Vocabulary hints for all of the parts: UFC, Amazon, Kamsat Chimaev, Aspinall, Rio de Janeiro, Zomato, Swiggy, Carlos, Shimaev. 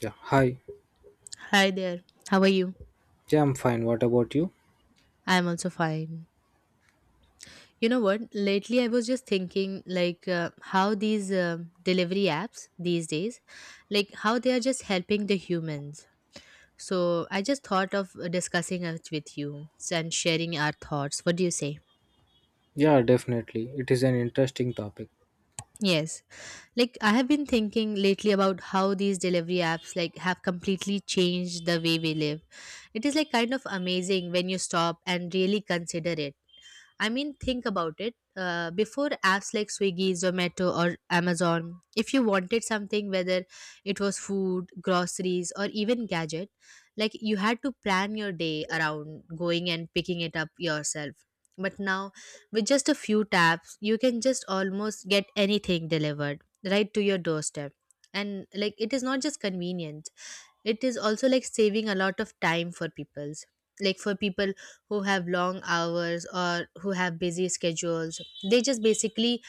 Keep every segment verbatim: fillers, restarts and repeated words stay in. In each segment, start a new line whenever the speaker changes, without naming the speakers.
Yeah, hi.
Hi there. How are you?
Yeah, I'm fine. What about you?
I'm also fine. You know what? Lately, I was just thinking, like, uh, how these uh, delivery apps these days, like, how they are just helping the humans. So, I just thought of uh, discussing it with you and sharing our thoughts. What do you say?
Yeah, definitely. It is an interesting topic.
Yes. Like, I have been thinking lately about how these delivery apps, like, have completely changed the way we live. It is, like, kind of amazing when you stop and really consider it. I mean, think about it. Uh, before apps like Swiggy, Zomato, or Amazon, if you wanted something, whether it was food, groceries, or even gadget, like you had to plan your day around going and picking it up yourself. But now, with just a few taps, you can just almost get anything delivered right to your doorstep. And like, it is not just convenience, it is also like saving a lot of time for people's like for people who have long hours or who have busy schedules. They just basically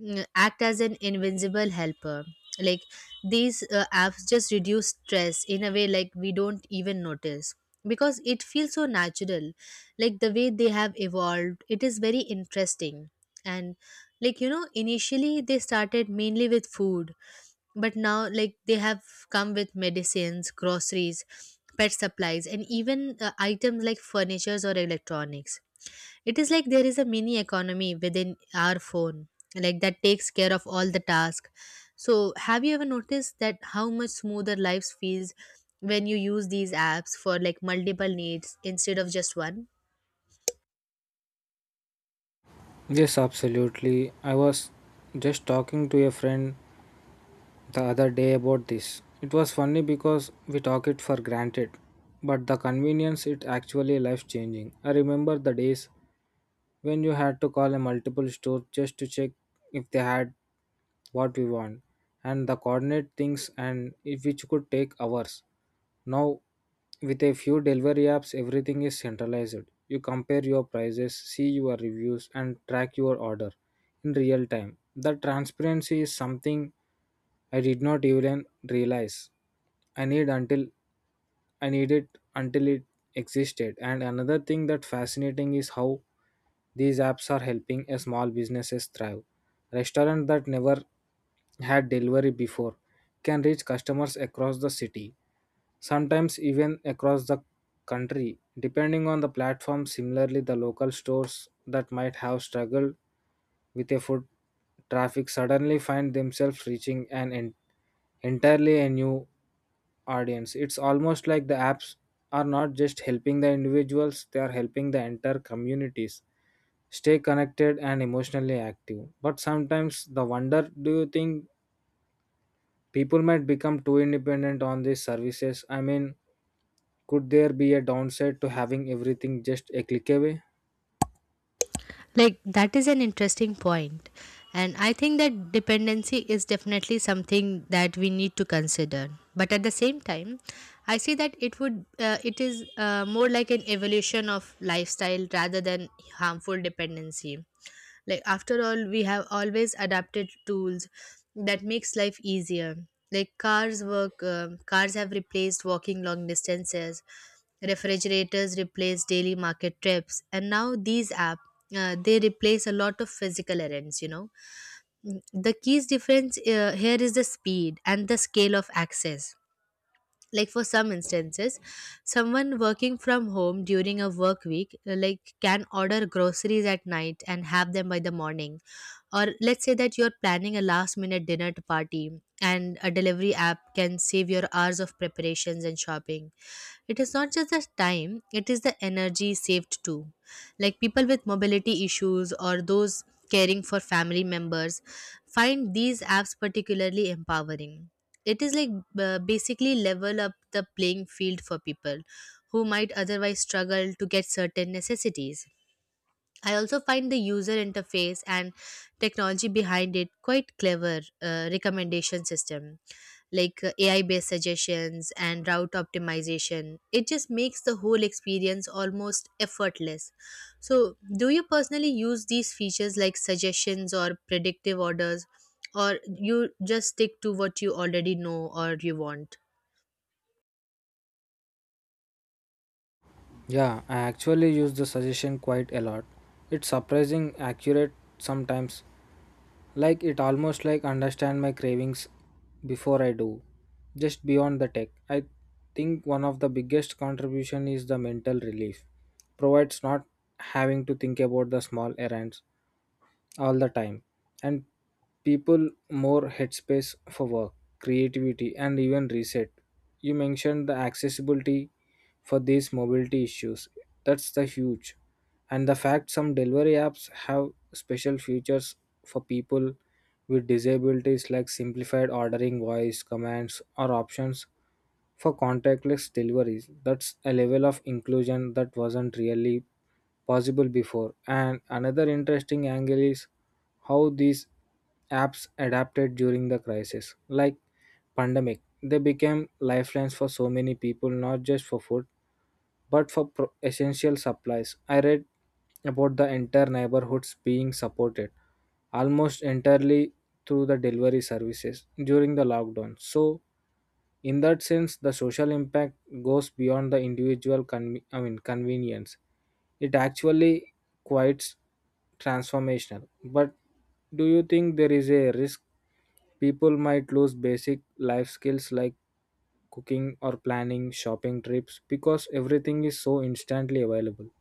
mm, act as an invincible helper. Like, these uh, apps just reduce stress in a way like we don't even notice because it feels so natural. Like the way they have evolved, it is very interesting. And like, you know, initially they started mainly with food, but now like they have come with medicines, groceries, pet supplies, and even uh, items like furnitures or electronics. It is like there is a mini economy within our phone, like that takes care of all the task. So have you ever noticed that how much smoother life feels when you use these apps for like multiple needs instead of just one?
Yes, absolutely. I was just talking to a friend the other day about this. It was funny because we talk it for granted, but the convenience it actually life changing. I remember the days when you had to call a multiple store just to check if they had what we want and the coordinate things and it, which could take hours. Now with a few delivery apps everything is centralized. You compare your prices, see your reviews and track your order in real time. The transparency is something I did not even realize I need until I needed until it existed. And another thing that fascinating is how these apps are helping a small businesses thrive. Restaurant that never had delivery before can reach customers across the city, sometimes even across the country, depending on the platform. Similarly, the local stores that might have struggled with a foot traffic suddenly find themselves reaching an en- entirely a new audience. It's almost like the apps are not just helping the individuals, they are helping the entire communities stay connected and emotionally active. But sometimes the wonder, do you think people might become too independent on these services. I mean, could there be a downside to having everything just a click away?
Like, that is an interesting point. And I think that dependency is definitely something that we need to consider. But at the same time, I see that it would uh, it is uh, more like an evolution of lifestyle rather than harmful dependency. Like, after all, we have always adapted tools that makes life easier. Like cars work um, cars have replaced walking long distances, refrigerators replace daily market trips, and now these app, uh, they replace a lot of physical errands, you know. Mm, the key's difference uh, here is the speed and the scale of access. Like for some instances, someone working from home during a work week, uh, like can order groceries at night and have them by the morning. Or let's say that you're planning a last minute dinner to party, and a delivery app can save your hours of preparations and shopping. It is not just the time, it is the energy saved too. Like people with mobility issues or those caring for family members find these apps particularly empowering. It is like, uh, basically level up the playing field for people who might otherwise struggle to get certain necessities. I also find the user interface and technology behind it quite clever. Uh, recommendation system like, uh, A I based suggestions and route optimization. It just makes the whole experience almost effortless. So, do you personally use these features like suggestions or predictive orders, or you just stick to what you already know or you want?
Yeah, I actually use the suggestion quite a lot. It's surprising accurate sometimes. Like it almost like understand my cravings before I do. Just beyond the tech. I think one of the biggest contribution is the mental relief. Provides not having to think about the small errands all the time, and people more headspace for work, creativity and even reset. You mentioned the accessibility for these mobility issues, that's the huge, and the fact some delivery apps have special features for people with disabilities like simplified ordering, voice commands, or options for contactless deliveries. That's a level of inclusion that wasn't really possible before. And another interesting angle is how these apps adapted during the crisis, like pandemic. They became lifelines for so many people, not just for food, but for pro- essential supplies. I read about the entire neighborhoods being supported almost entirely through the delivery services during the lockdown. So in that sense, the social impact goes beyond the individual con- I mean, convenience. It actually quite transformational. But do you think there is a risk people might lose basic life skills like cooking or planning shopping trips because everything is so instantly available?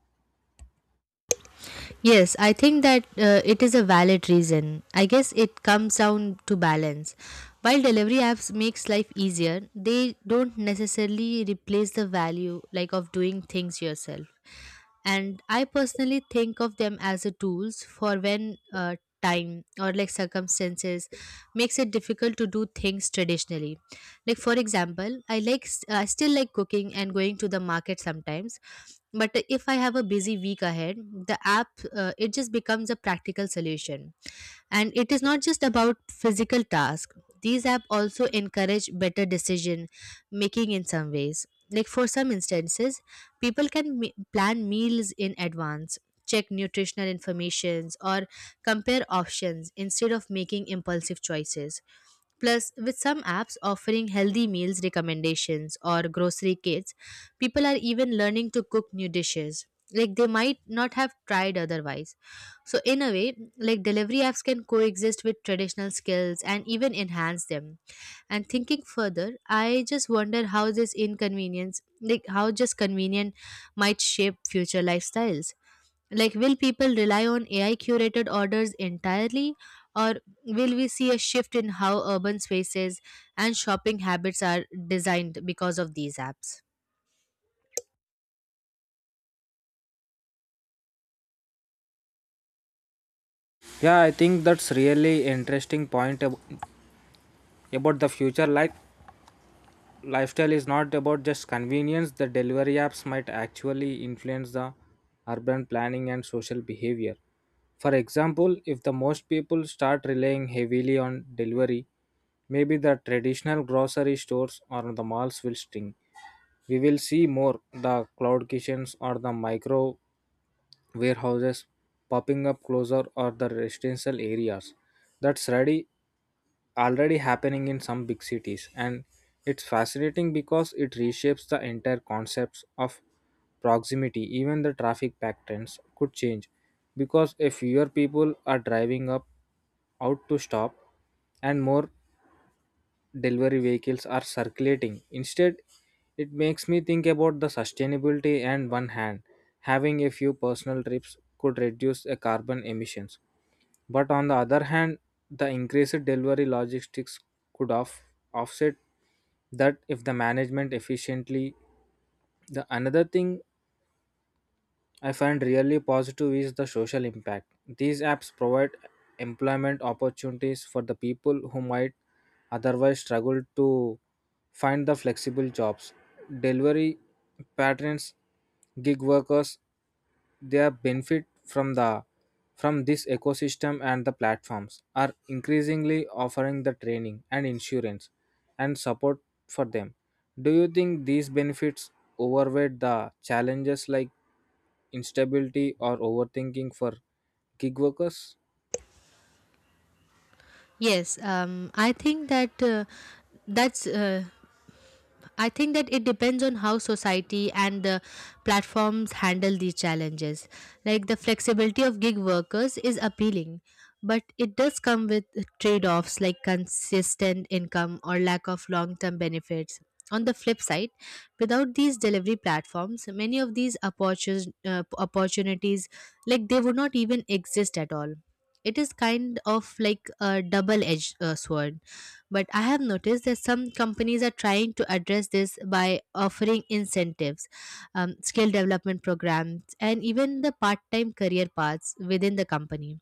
Yes, I think that uh, it is a valid reason. I guess it comes down to balance. While delivery apps makes life easier, they don't necessarily replace the value like of doing things yourself. And I personally think of them as a tools for when uh, time or like circumstances makes it difficult to do things traditionally. Like for example, I like I still like cooking and going to the market sometimes, but if I have a busy week ahead, the app, uh, it just becomes a practical solution. And it is not just about physical tasks, these apps also encourage better decision making in some ways. Like for some instances, people can me- plan meals in advance, check nutritional informations, or compare options instead of making impulsive choices. Plus, with some apps offering healthy meals recommendations or grocery kits, people are even learning to cook new dishes. Like they might not have tried otherwise. So, in a way, like delivery apps can coexist with traditional skills and even enhance them. And thinking further, I just wonder how this inconvenience, like how just convenient might shape future lifestyles. Like, will people rely on A I curated orders entirely, or will we see a shift in how urban spaces and shopping habits are designed because of these apps?
Yeah, I think that's really interesting point ab- about the future. Like lifestyle is not about just convenience, the delivery apps might actually influence the urban planning and social behavior. For example, if the most people start relying heavily on delivery, maybe the traditional grocery stores or the malls will sting. We will see more the cloud kitchens or the micro warehouses popping up closer or the residential areas. That's ready already happening in some big cities, and it's fascinating because it reshapes the entire concepts of proximity. Even the traffic patterns could change, because if fewer people are driving up out to stop and more delivery vehicles are circulating. Instead, it makes me think about the sustainability, and one hand having a few personal trips could reduce a carbon emissions. But on the other hand, the increased delivery logistics could off- offset that if the management efficiently. The another thing I find really positive is the social impact. These apps provide employment opportunities for the people who might otherwise struggle to find the flexible jobs. Delivery patrons, gig workers, they are benefit from the from this ecosystem, and the platforms are increasingly offering the training and insurance and support for them. Do you think these benefits overweigh the challenges like instability or overthinking for gig workers?
Yes, um, I think that uh, that's uh, I think that it depends on how society and the platforms handle these challenges. Like the flexibility of gig workers is appealing, but it does come with trade offs like consistent income or lack of long term benefits. On the flip side, without these delivery platforms, many of these opportun- uh, opportunities, like they would not even exist at all. It is kind of like a double edged uh, sword. But I have noticed that some companies are trying to address this by offering incentives, um, skill development programs, and even the part time career paths within the company.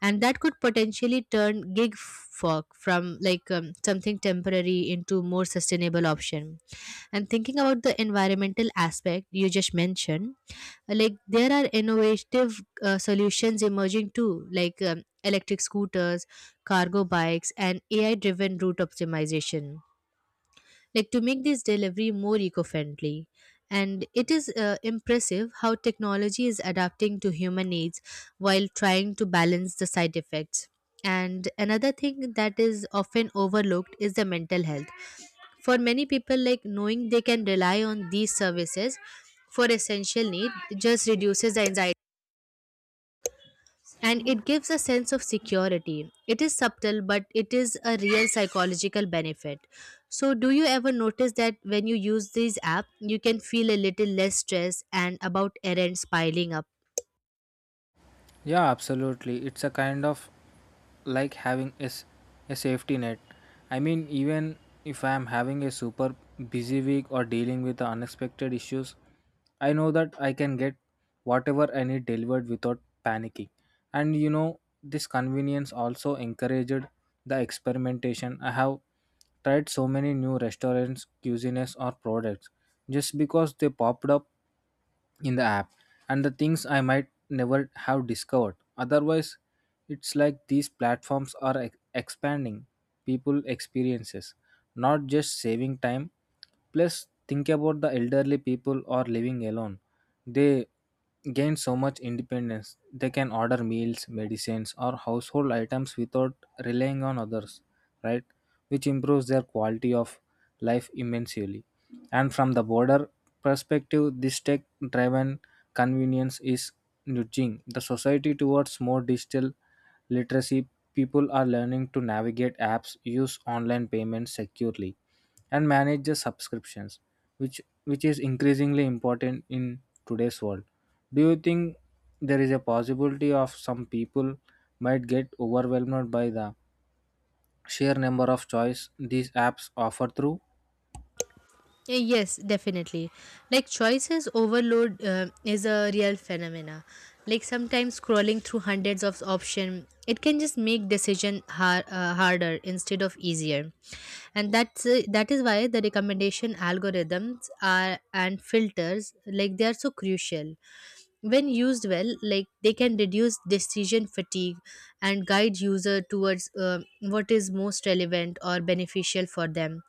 And that could potentially turn gig work from like um, something temporary into more sustainable option. And thinking about the environmental aspect you just mentioned, like there are innovative uh, solutions emerging too, like um, electric scooters, cargo bikes, and AI driven route optimization, like to make this delivery more eco-friendly. And it is uh, impressive how technology is adapting to human needs while trying to balance the side effects. And another thing that is often overlooked is the mental health. For many people, like knowing they can rely on these services for essential need just reduces the anxiety, and it gives a sense of security. It is subtle, but it is a real psychological benefit. So, do you ever notice that when you use these app, you can feel a little less stress and about errands piling up?
Yeah, absolutely. It's a kind of like having a, s- a safety net. I mean, even if I am having a super busy week or dealing with the unexpected issues, I know that I can get whatever I need delivered without panicking. And you know, this convenience also encouraged the experimentation. I have tried so many new restaurants, cuisines, or products just because they popped up in the app, and the things I might never have discovered. Otherwise, it's like these platforms are ex- expanding people experiences, not just saving time. Plus, think about the elderly people or living alone. They gain so much independence. They can order meals, medicines, or household items without relying on others, right? Which improves their quality of life immensely. And from the border perspective, this tech driven convenience is nudging the society towards more digital literacy. People are learning to navigate apps, use online payments securely, and manage their subscriptions, which, which is increasingly important in today's world. Do you think there is a possibility of some people might get overwhelmed by the sheer number of choice these apps offer through?
Eh, Yes, definitely. Like choices overload uh, is a real phenomena. Like sometimes scrolling through hundreds of options, it can just make decision har- uh, harder instead of easier. And that's uh, that is why the recommendation algorithms are and filters, like they are so crucial. When used well, like they can reduce decision fatigue and guide user towards uh, what is most relevant or beneficial for them.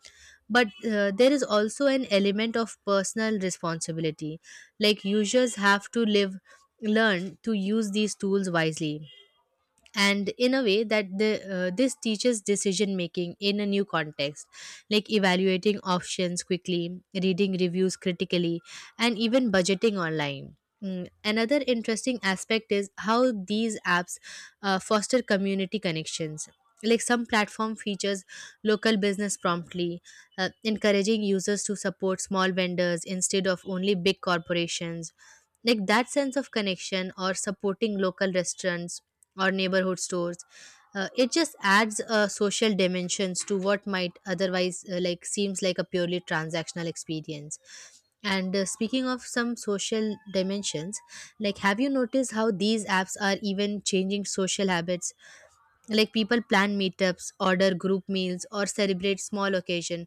But uh, there is also an element of personal responsibility. Like users have to live learn to use these tools wisely, and in a way that the uh, this teaches decision making in a new context. Like evaluating options quickly, reading reviews critically, and even budgeting online. Mm, Another interesting aspect is how these apps uh, foster community connections. Like some platform features local business promptly, uh, encouraging users to support small vendors instead of only big corporations. Like that sense of connection or supporting local restaurants or neighborhood stores, uh, it just adds uh, social dimensions to what might otherwise uh, like seems like a purely transactional experience. And uh, speaking of some social dimensions, like have you noticed how these apps are even changing social habits? Like people plan meetups, order group meals, or celebrate small occasion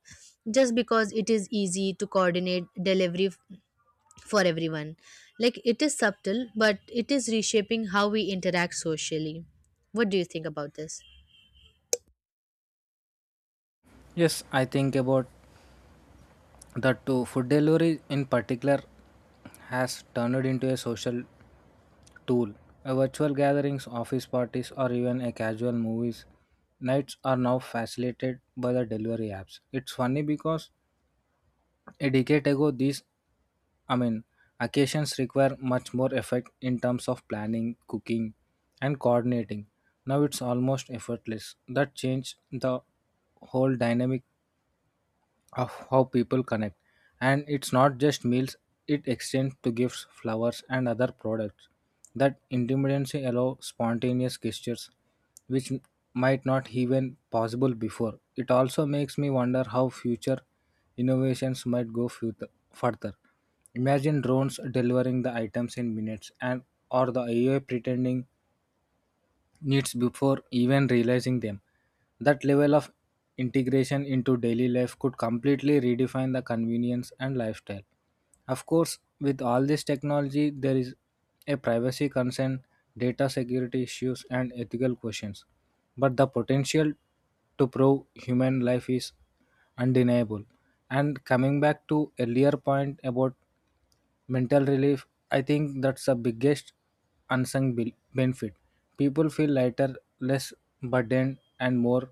just because it is easy to coordinate delivery f- for everyone. Like it is subtle, but it is reshaping how we interact socially. What do you think about this?
Yes, I think about the to food delivery in particular has turned into a social tool. A virtual gatherings, office parties, or even a casual movies nights are now facilitated by the delivery apps. It's funny because a decade ago, these I mean, occasions require much more effort in terms of planning, cooking, and coordinating. Now it's almost effortless. That changed the whole dynamic of how people connect, and it's not just meals, it extends to gifts, flowers and other products. That intimacy allows spontaneous gestures, which m- might not even possible before. It also makes me wonder how future innovations might go fut- further. Imagine drones delivering the items in minutes, and or the AI pretending needs before even realizing them. That level of integration into daily life could completely redefine the convenience and lifestyle. Of course, with all this technology, there is a privacy concern, data security issues, and ethical questions. But the potential to prove human life is undeniable. And coming back to earlier point about mental relief, I think that's the biggest unsung be- benefit. People feel lighter, less burdened and more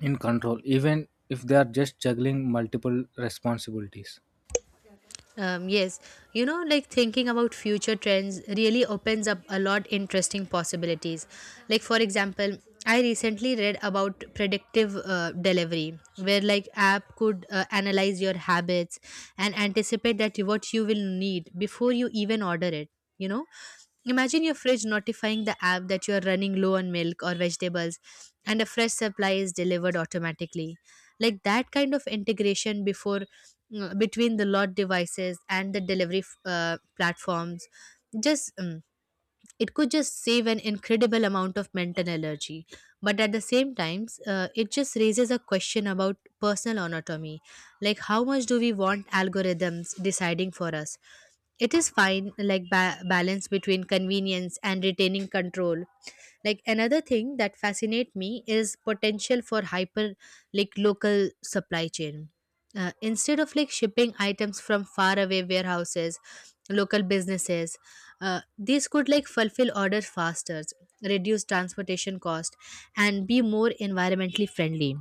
in control, even if they are just juggling multiple responsibilities.
Um, yes, you know, like thinking about future trends really opens up a lot interesting possibilities. Like for example, I recently read about predictive uh, delivery, where like app could uh, analyze your habits and anticipate that what you will need before you even order it, you know. Imagine your fridge notifying the app that you are running low on milk or vegetables, and a fresh supply is delivered automatically. Like that kind of integration before mm, between the lot devices and the delivery uh, platforms, just um, it could just save an incredible amount of mental energy. But at the same time, uh, it just raises a question about personal autonomy. Like how much do we want algorithms deciding for us? It is fine, like ba- balance between convenience and retaining control. Like another thing that fascinate me is potential for hyper like local supply chain. Uh, instead of like shipping items from faraway warehouses, local businesses, uh, these could like fulfill orders faster, reduce transportation cost, and be more environmentally friendly.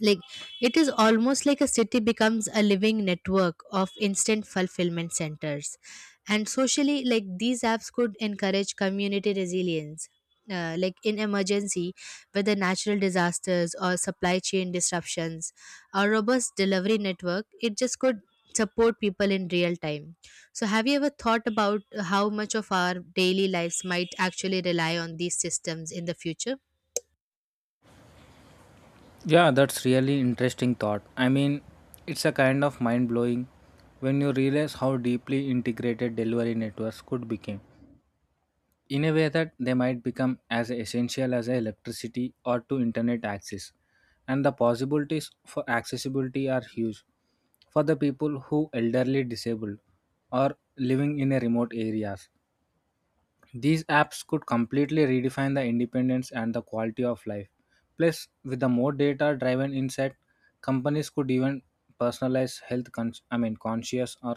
Like it is almost like a city becomes a living network of instant fulfillment centers. And socially, like these apps could encourage community resilience, uh, like in emergency, whether natural disasters or supply chain disruptions, a robust delivery network, it just could support people in real time. So have you ever thought about how much of our daily lives might actually rely on these systems in the future?
Yeah, that's really interesting thought, I mean, it's a kind of mind blowing when you realize how deeply integrated delivery networks could become, in a way that they might become as essential as electricity or to internet access. And the possibilities for accessibility are huge. For the people who elderly, disabled or living in a remote areas, these apps could completely redefine the independence and the quality of life. Plus, with the more data driven insight, companies could even personalize health con- I mean, conscious or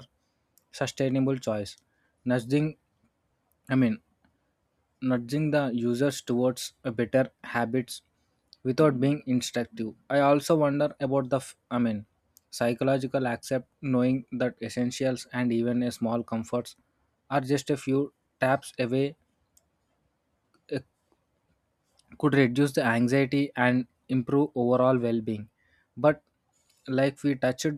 sustainable choice. Nudging, I mean, nudging the users towards a better habits without being instructive. I also wonder about the f- I mean, psychological accept, knowing that essentials and even a small comforts are just a few taps away, could reduce the anxiety and improve overall well-being. But like we touched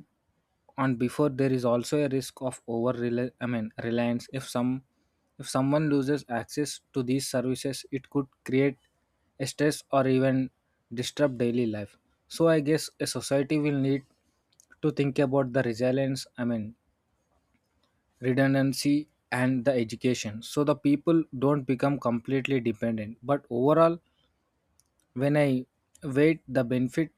on before, there is also a risk of over reli- I mean, reliance. If some if someone loses access to these services, it could create a stress or even disrupt daily life. So I guess a society will need to think about the resilience, I mean, redundancy and the education, so the people don't become completely dependent. But overall, when I weighed the benefit,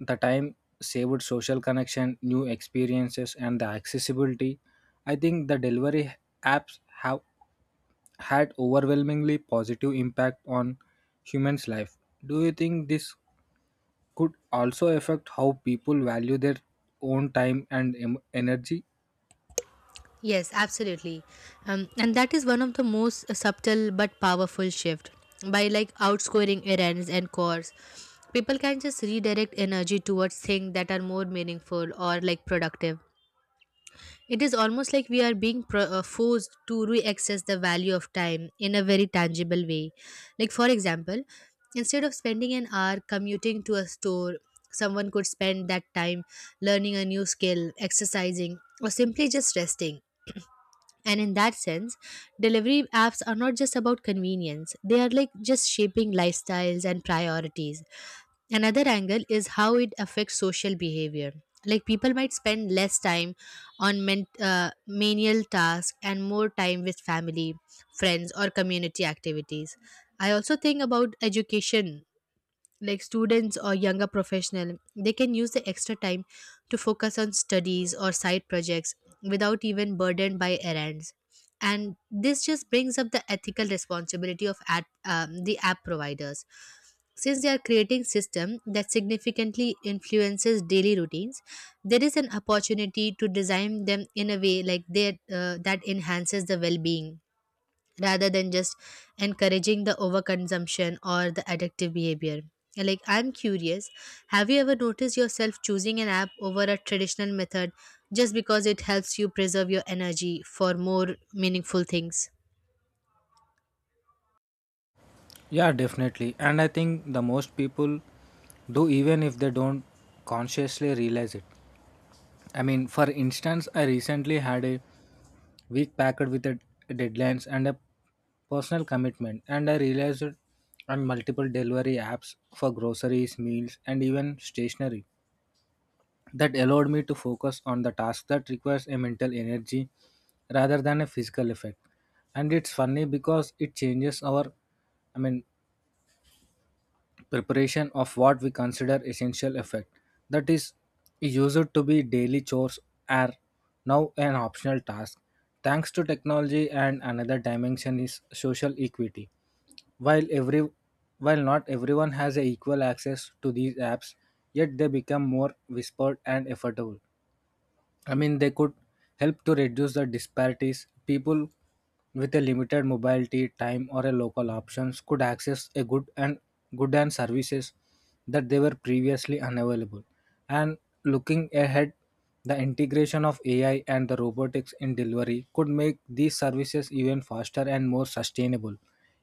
the time saved, social connection, new experiences, and the accessibility, I think the delivery apps have had overwhelmingly positive impact on humans' life. Do you think this could also affect how people value their own time and em- energy?
Yes, absolutely. Um, and that is one of the most subtle but powerful shift. By like outscoring errands and chores, people can just redirect energy towards things that are more meaningful or like productive. It is almost like we are being pro- uh, forced to re-access the value of time in a very tangible way. Like for example, instead of spending an hour commuting to a store, someone could spend that time learning a new skill, exercising, or simply just resting, and in that sense, delivery apps are not just about convenience, they are like just shaping lifestyles and priorities. Another angle is how it affects social behavior. Like people might spend less time on men- uh, menial tasks and more time with family, friends, or community activities. I also think about education, like students or younger professional, they can use the extra time to focus on studies or side projects without even burdened by errands, and this just brings up the ethical responsibility of app, um, the app providers, since they are creating system that significantly influences daily routines. There is an opportunity to design them in a way like they uh, that enhances the well-being rather than just encouraging the overconsumption or the addictive behavior. Like, I'm curious, have you ever noticed yourself choosing an app over a traditional method just because it helps you preserve your energy for more meaningful things?
Yeah, definitely. And I think the most people do, even if they don't consciously realize it. I mean, for instance, I recently had a week packed with a deadlines and a personal commitment, and I realized on multiple delivery apps for groceries, meals and even stationery. That allowed me to focus on the task that requires a mental energy rather than a physical effect. And it's funny because it changes our, I mean, preparation of what we consider essential effect. That is used to be daily chores are now an optional task, thanks to technology. And another dimension is social equity. While every while not everyone has a equal access to these apps yet, they become more whispered and affordable. I mean, they could help to reduce the disparities. People with a limited mobility, time, or a local options could access a good and good and services that they were previously unavailable. And looking ahead, the integration of A I and the robotics in delivery could make these services even faster and more sustainable.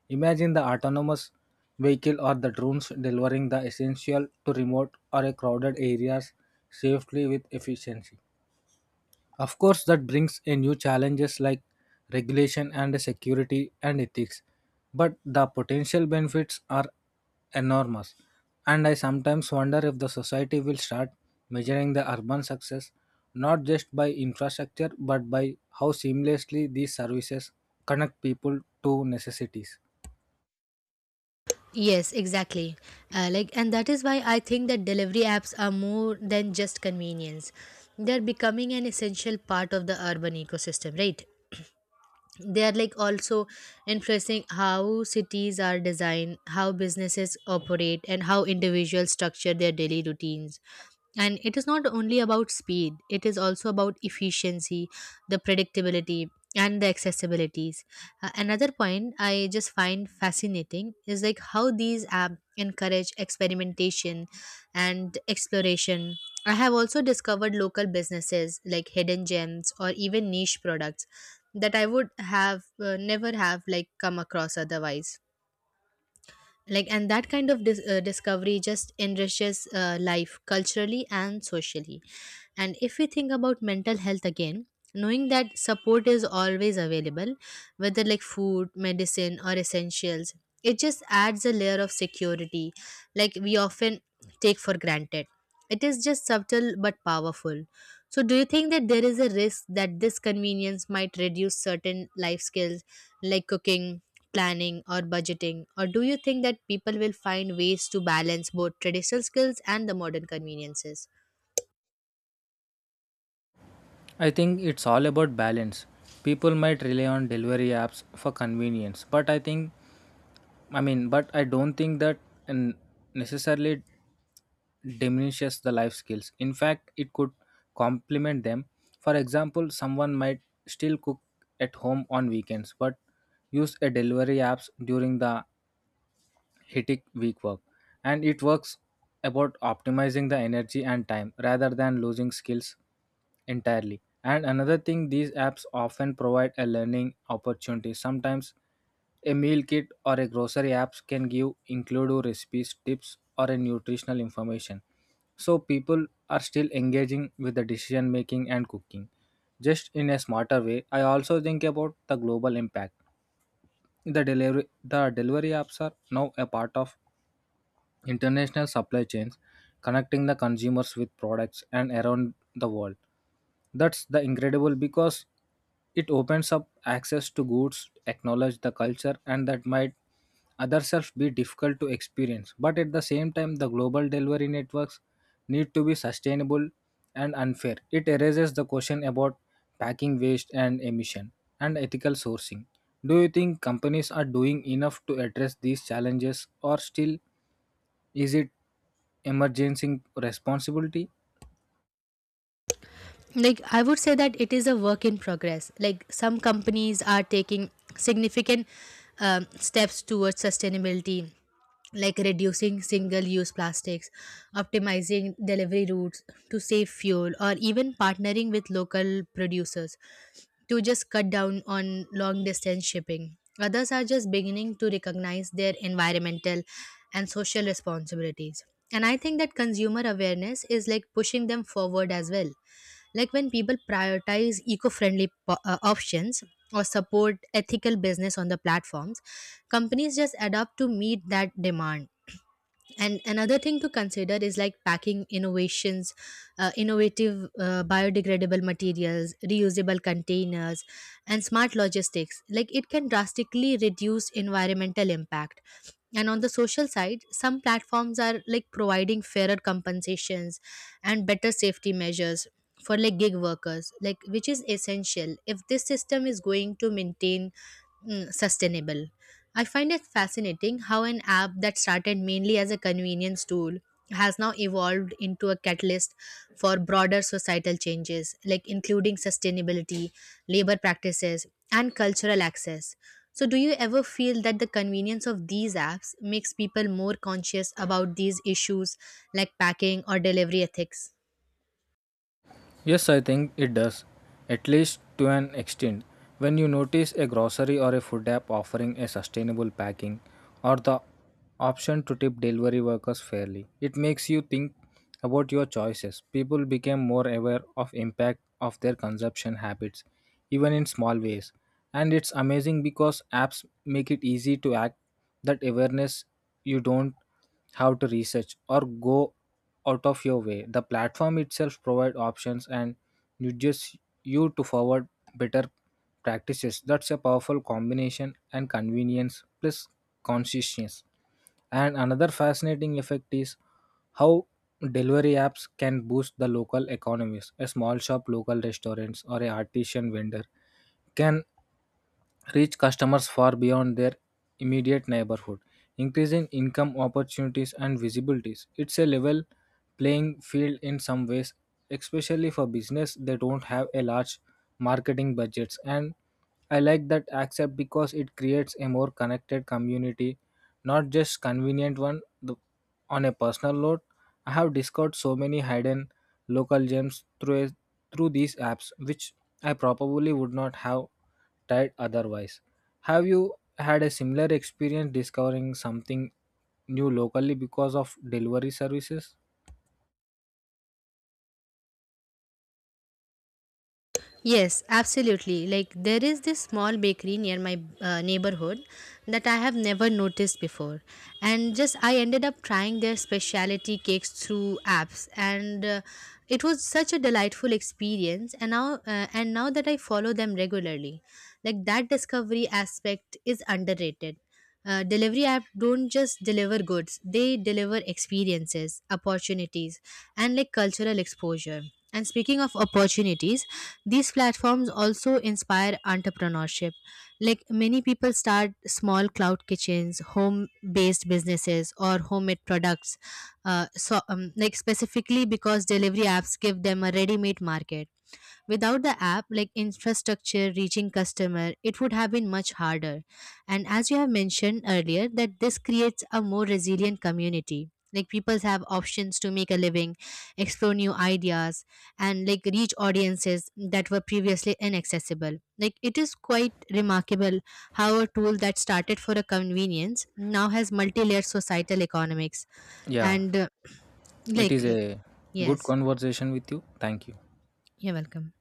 Imagine the autonomous vehicle or the drones delivering the essential to remote or a crowded areas, safely with efficiency. Of course, that brings a new challenges like regulation and security and ethics, but the potential benefits are enormous. And I sometimes wonder if the society will start measuring the urban success not just by infrastructure, but by how seamlessly these services connect people to necessities.
Yes, exactly. Uh, like, and that is why I think that delivery apps are more than just convenience. They're becoming an essential part of the urban ecosystem, right? They are like also influencing how cities are designed, how businesses operate, and how individuals structure their daily routines, and it is not only about speed, it is also about efficiency, the predictability, and the accessibilities. Uh, another point I just find fascinating is like how these apps encourage experimentation and exploration. I have also discovered local businesses, like hidden gems or even niche products, that I would have uh, never have like come across otherwise. Like, and that kind of dis- uh, discovery just enriches uh, life culturally and socially. And if we think about mental health again, knowing that support is always available, whether like food, medicine, or essentials, it just adds a layer of security like we often take for granted. It is just subtle but powerful. So do you think that there is a risk that this convenience might reduce certain life skills like cooking, planning, or budgeting? Or do you think that people will find ways to balance both traditional skills and the modern conveniences?
I think it's all about balance. People might rely on delivery apps for convenience, but I think, I mean, but I don't think that and necessarily diminishes the life skills. In fact, it could complement them. For example, someone might still cook at home on weekends but use a delivery apps during the hectic weak work. And it works about optimizing the energy and time rather than losing skills entirely. And another thing, these apps often provide a learning opportunity. Sometimes a meal kit or a grocery apps can give include recipes, tips or a nutritional information. So people are still engaging with the decision making and cooking, just in a smarter way. I also think about the global impact. The delivery the delivery apps are now a part of international supply chains, connecting the consumers with products and around the world. That's the incredible because it opens up access to goods, acknowledge the culture, and that might others be difficult to experience. But at the same time, the global delivery networks need to be sustainable and unfair. It raises the question about packing waste and emission and ethical sourcing. Do you think companies are doing enough to address these challenges, or still is it emergency responsibility?
Like, I would say that it is a work in progress. Like some companies are taking significant um, steps towards sustainability, like reducing single use plastics, optimizing delivery routes to save fuel, or even partnering with local producers to just cut down on long distance shipping. Others are just beginning to recognize their environmental and social responsibilities, and I think that consumer awareness is like pushing them forward as well. Like when people prioritize eco friendly po- uh, options, or support ethical business on the platforms, companies just adapt to meet that demand. And another thing to consider is like packing innovations, uh, innovative uh, biodegradable materials, reusable containers, and smart logistics, like it can drastically reduce environmental impact. And on the social side, some platforms are like providing fairer compensations and better safety measures for like gig workers, like which is essential if this system is going to maintain mm, sustainable. I find it fascinating how an app that started mainly as a convenience tool has now evolved into a catalyst for broader societal changes, like including sustainability, labor practices, and cultural access. So, do you ever feel that the convenience of these apps makes people more conscious about these issues like packing or delivery ethics?
Yes, I think it does, at least to an extent. When you notice a grocery or a food app offering a sustainable packing, or the option to tip delivery workers fairly, it makes you think about your choices. People became more aware of impact of their consumption habits, even in small ways. And it's amazing because apps make it easy to act that awareness. You don't how to research or go out of your way. The platform itself provides options and nudges you to forward better practices. That's a powerful combination, and convenience plus consciousness. And another fascinating effect is how delivery apps can boost the local economies. A small shop, local restaurants, or a artisan vendor can reach customers far beyond their immediate neighborhood, increasing income opportunities and visibilities. It's a level playing field in some ways, especially for business they don't have a large marketing budgets. And I like that accept because it creates a more connected community, not just convenient one. The, on a personal note, I have discovered so many hidden local gems through a, through these apps, which I probably would not have tired otherwise. Have you had a similar experience discovering something new locally because of delivery services?
Yes, absolutely. Like there is this small bakery near my uh, neighborhood that I have never noticed before. And just I ended up trying their specialty cakes through apps, and uh, it was such a delightful experience, and now uh, and now that I follow them regularly. Like that discovery aspect is underrated. Uh, delivery app don't just deliver goods, they deliver experiences, opportunities, and like cultural exposure. And speaking of opportunities, these platforms also inspire entrepreneurship. Like many people start small cloud kitchens, home based businesses, or homemade products, uh, so, um, like specifically because delivery apps give them a ready made market. Without the app, like infrastructure reaching customer, it would have been much harder. And as you have mentioned earlier, that this creates a more resilient community. Like people have options to make a living, explore new ideas, and like reach audiences that were previously inaccessible. Like it is quite remarkable how a tool that started for a convenience now has multi-layered societal economics.
Yeah,
And uh,
it
like
is
uh,
a good
yes,
conversation with you. Thank you.
you're welcome.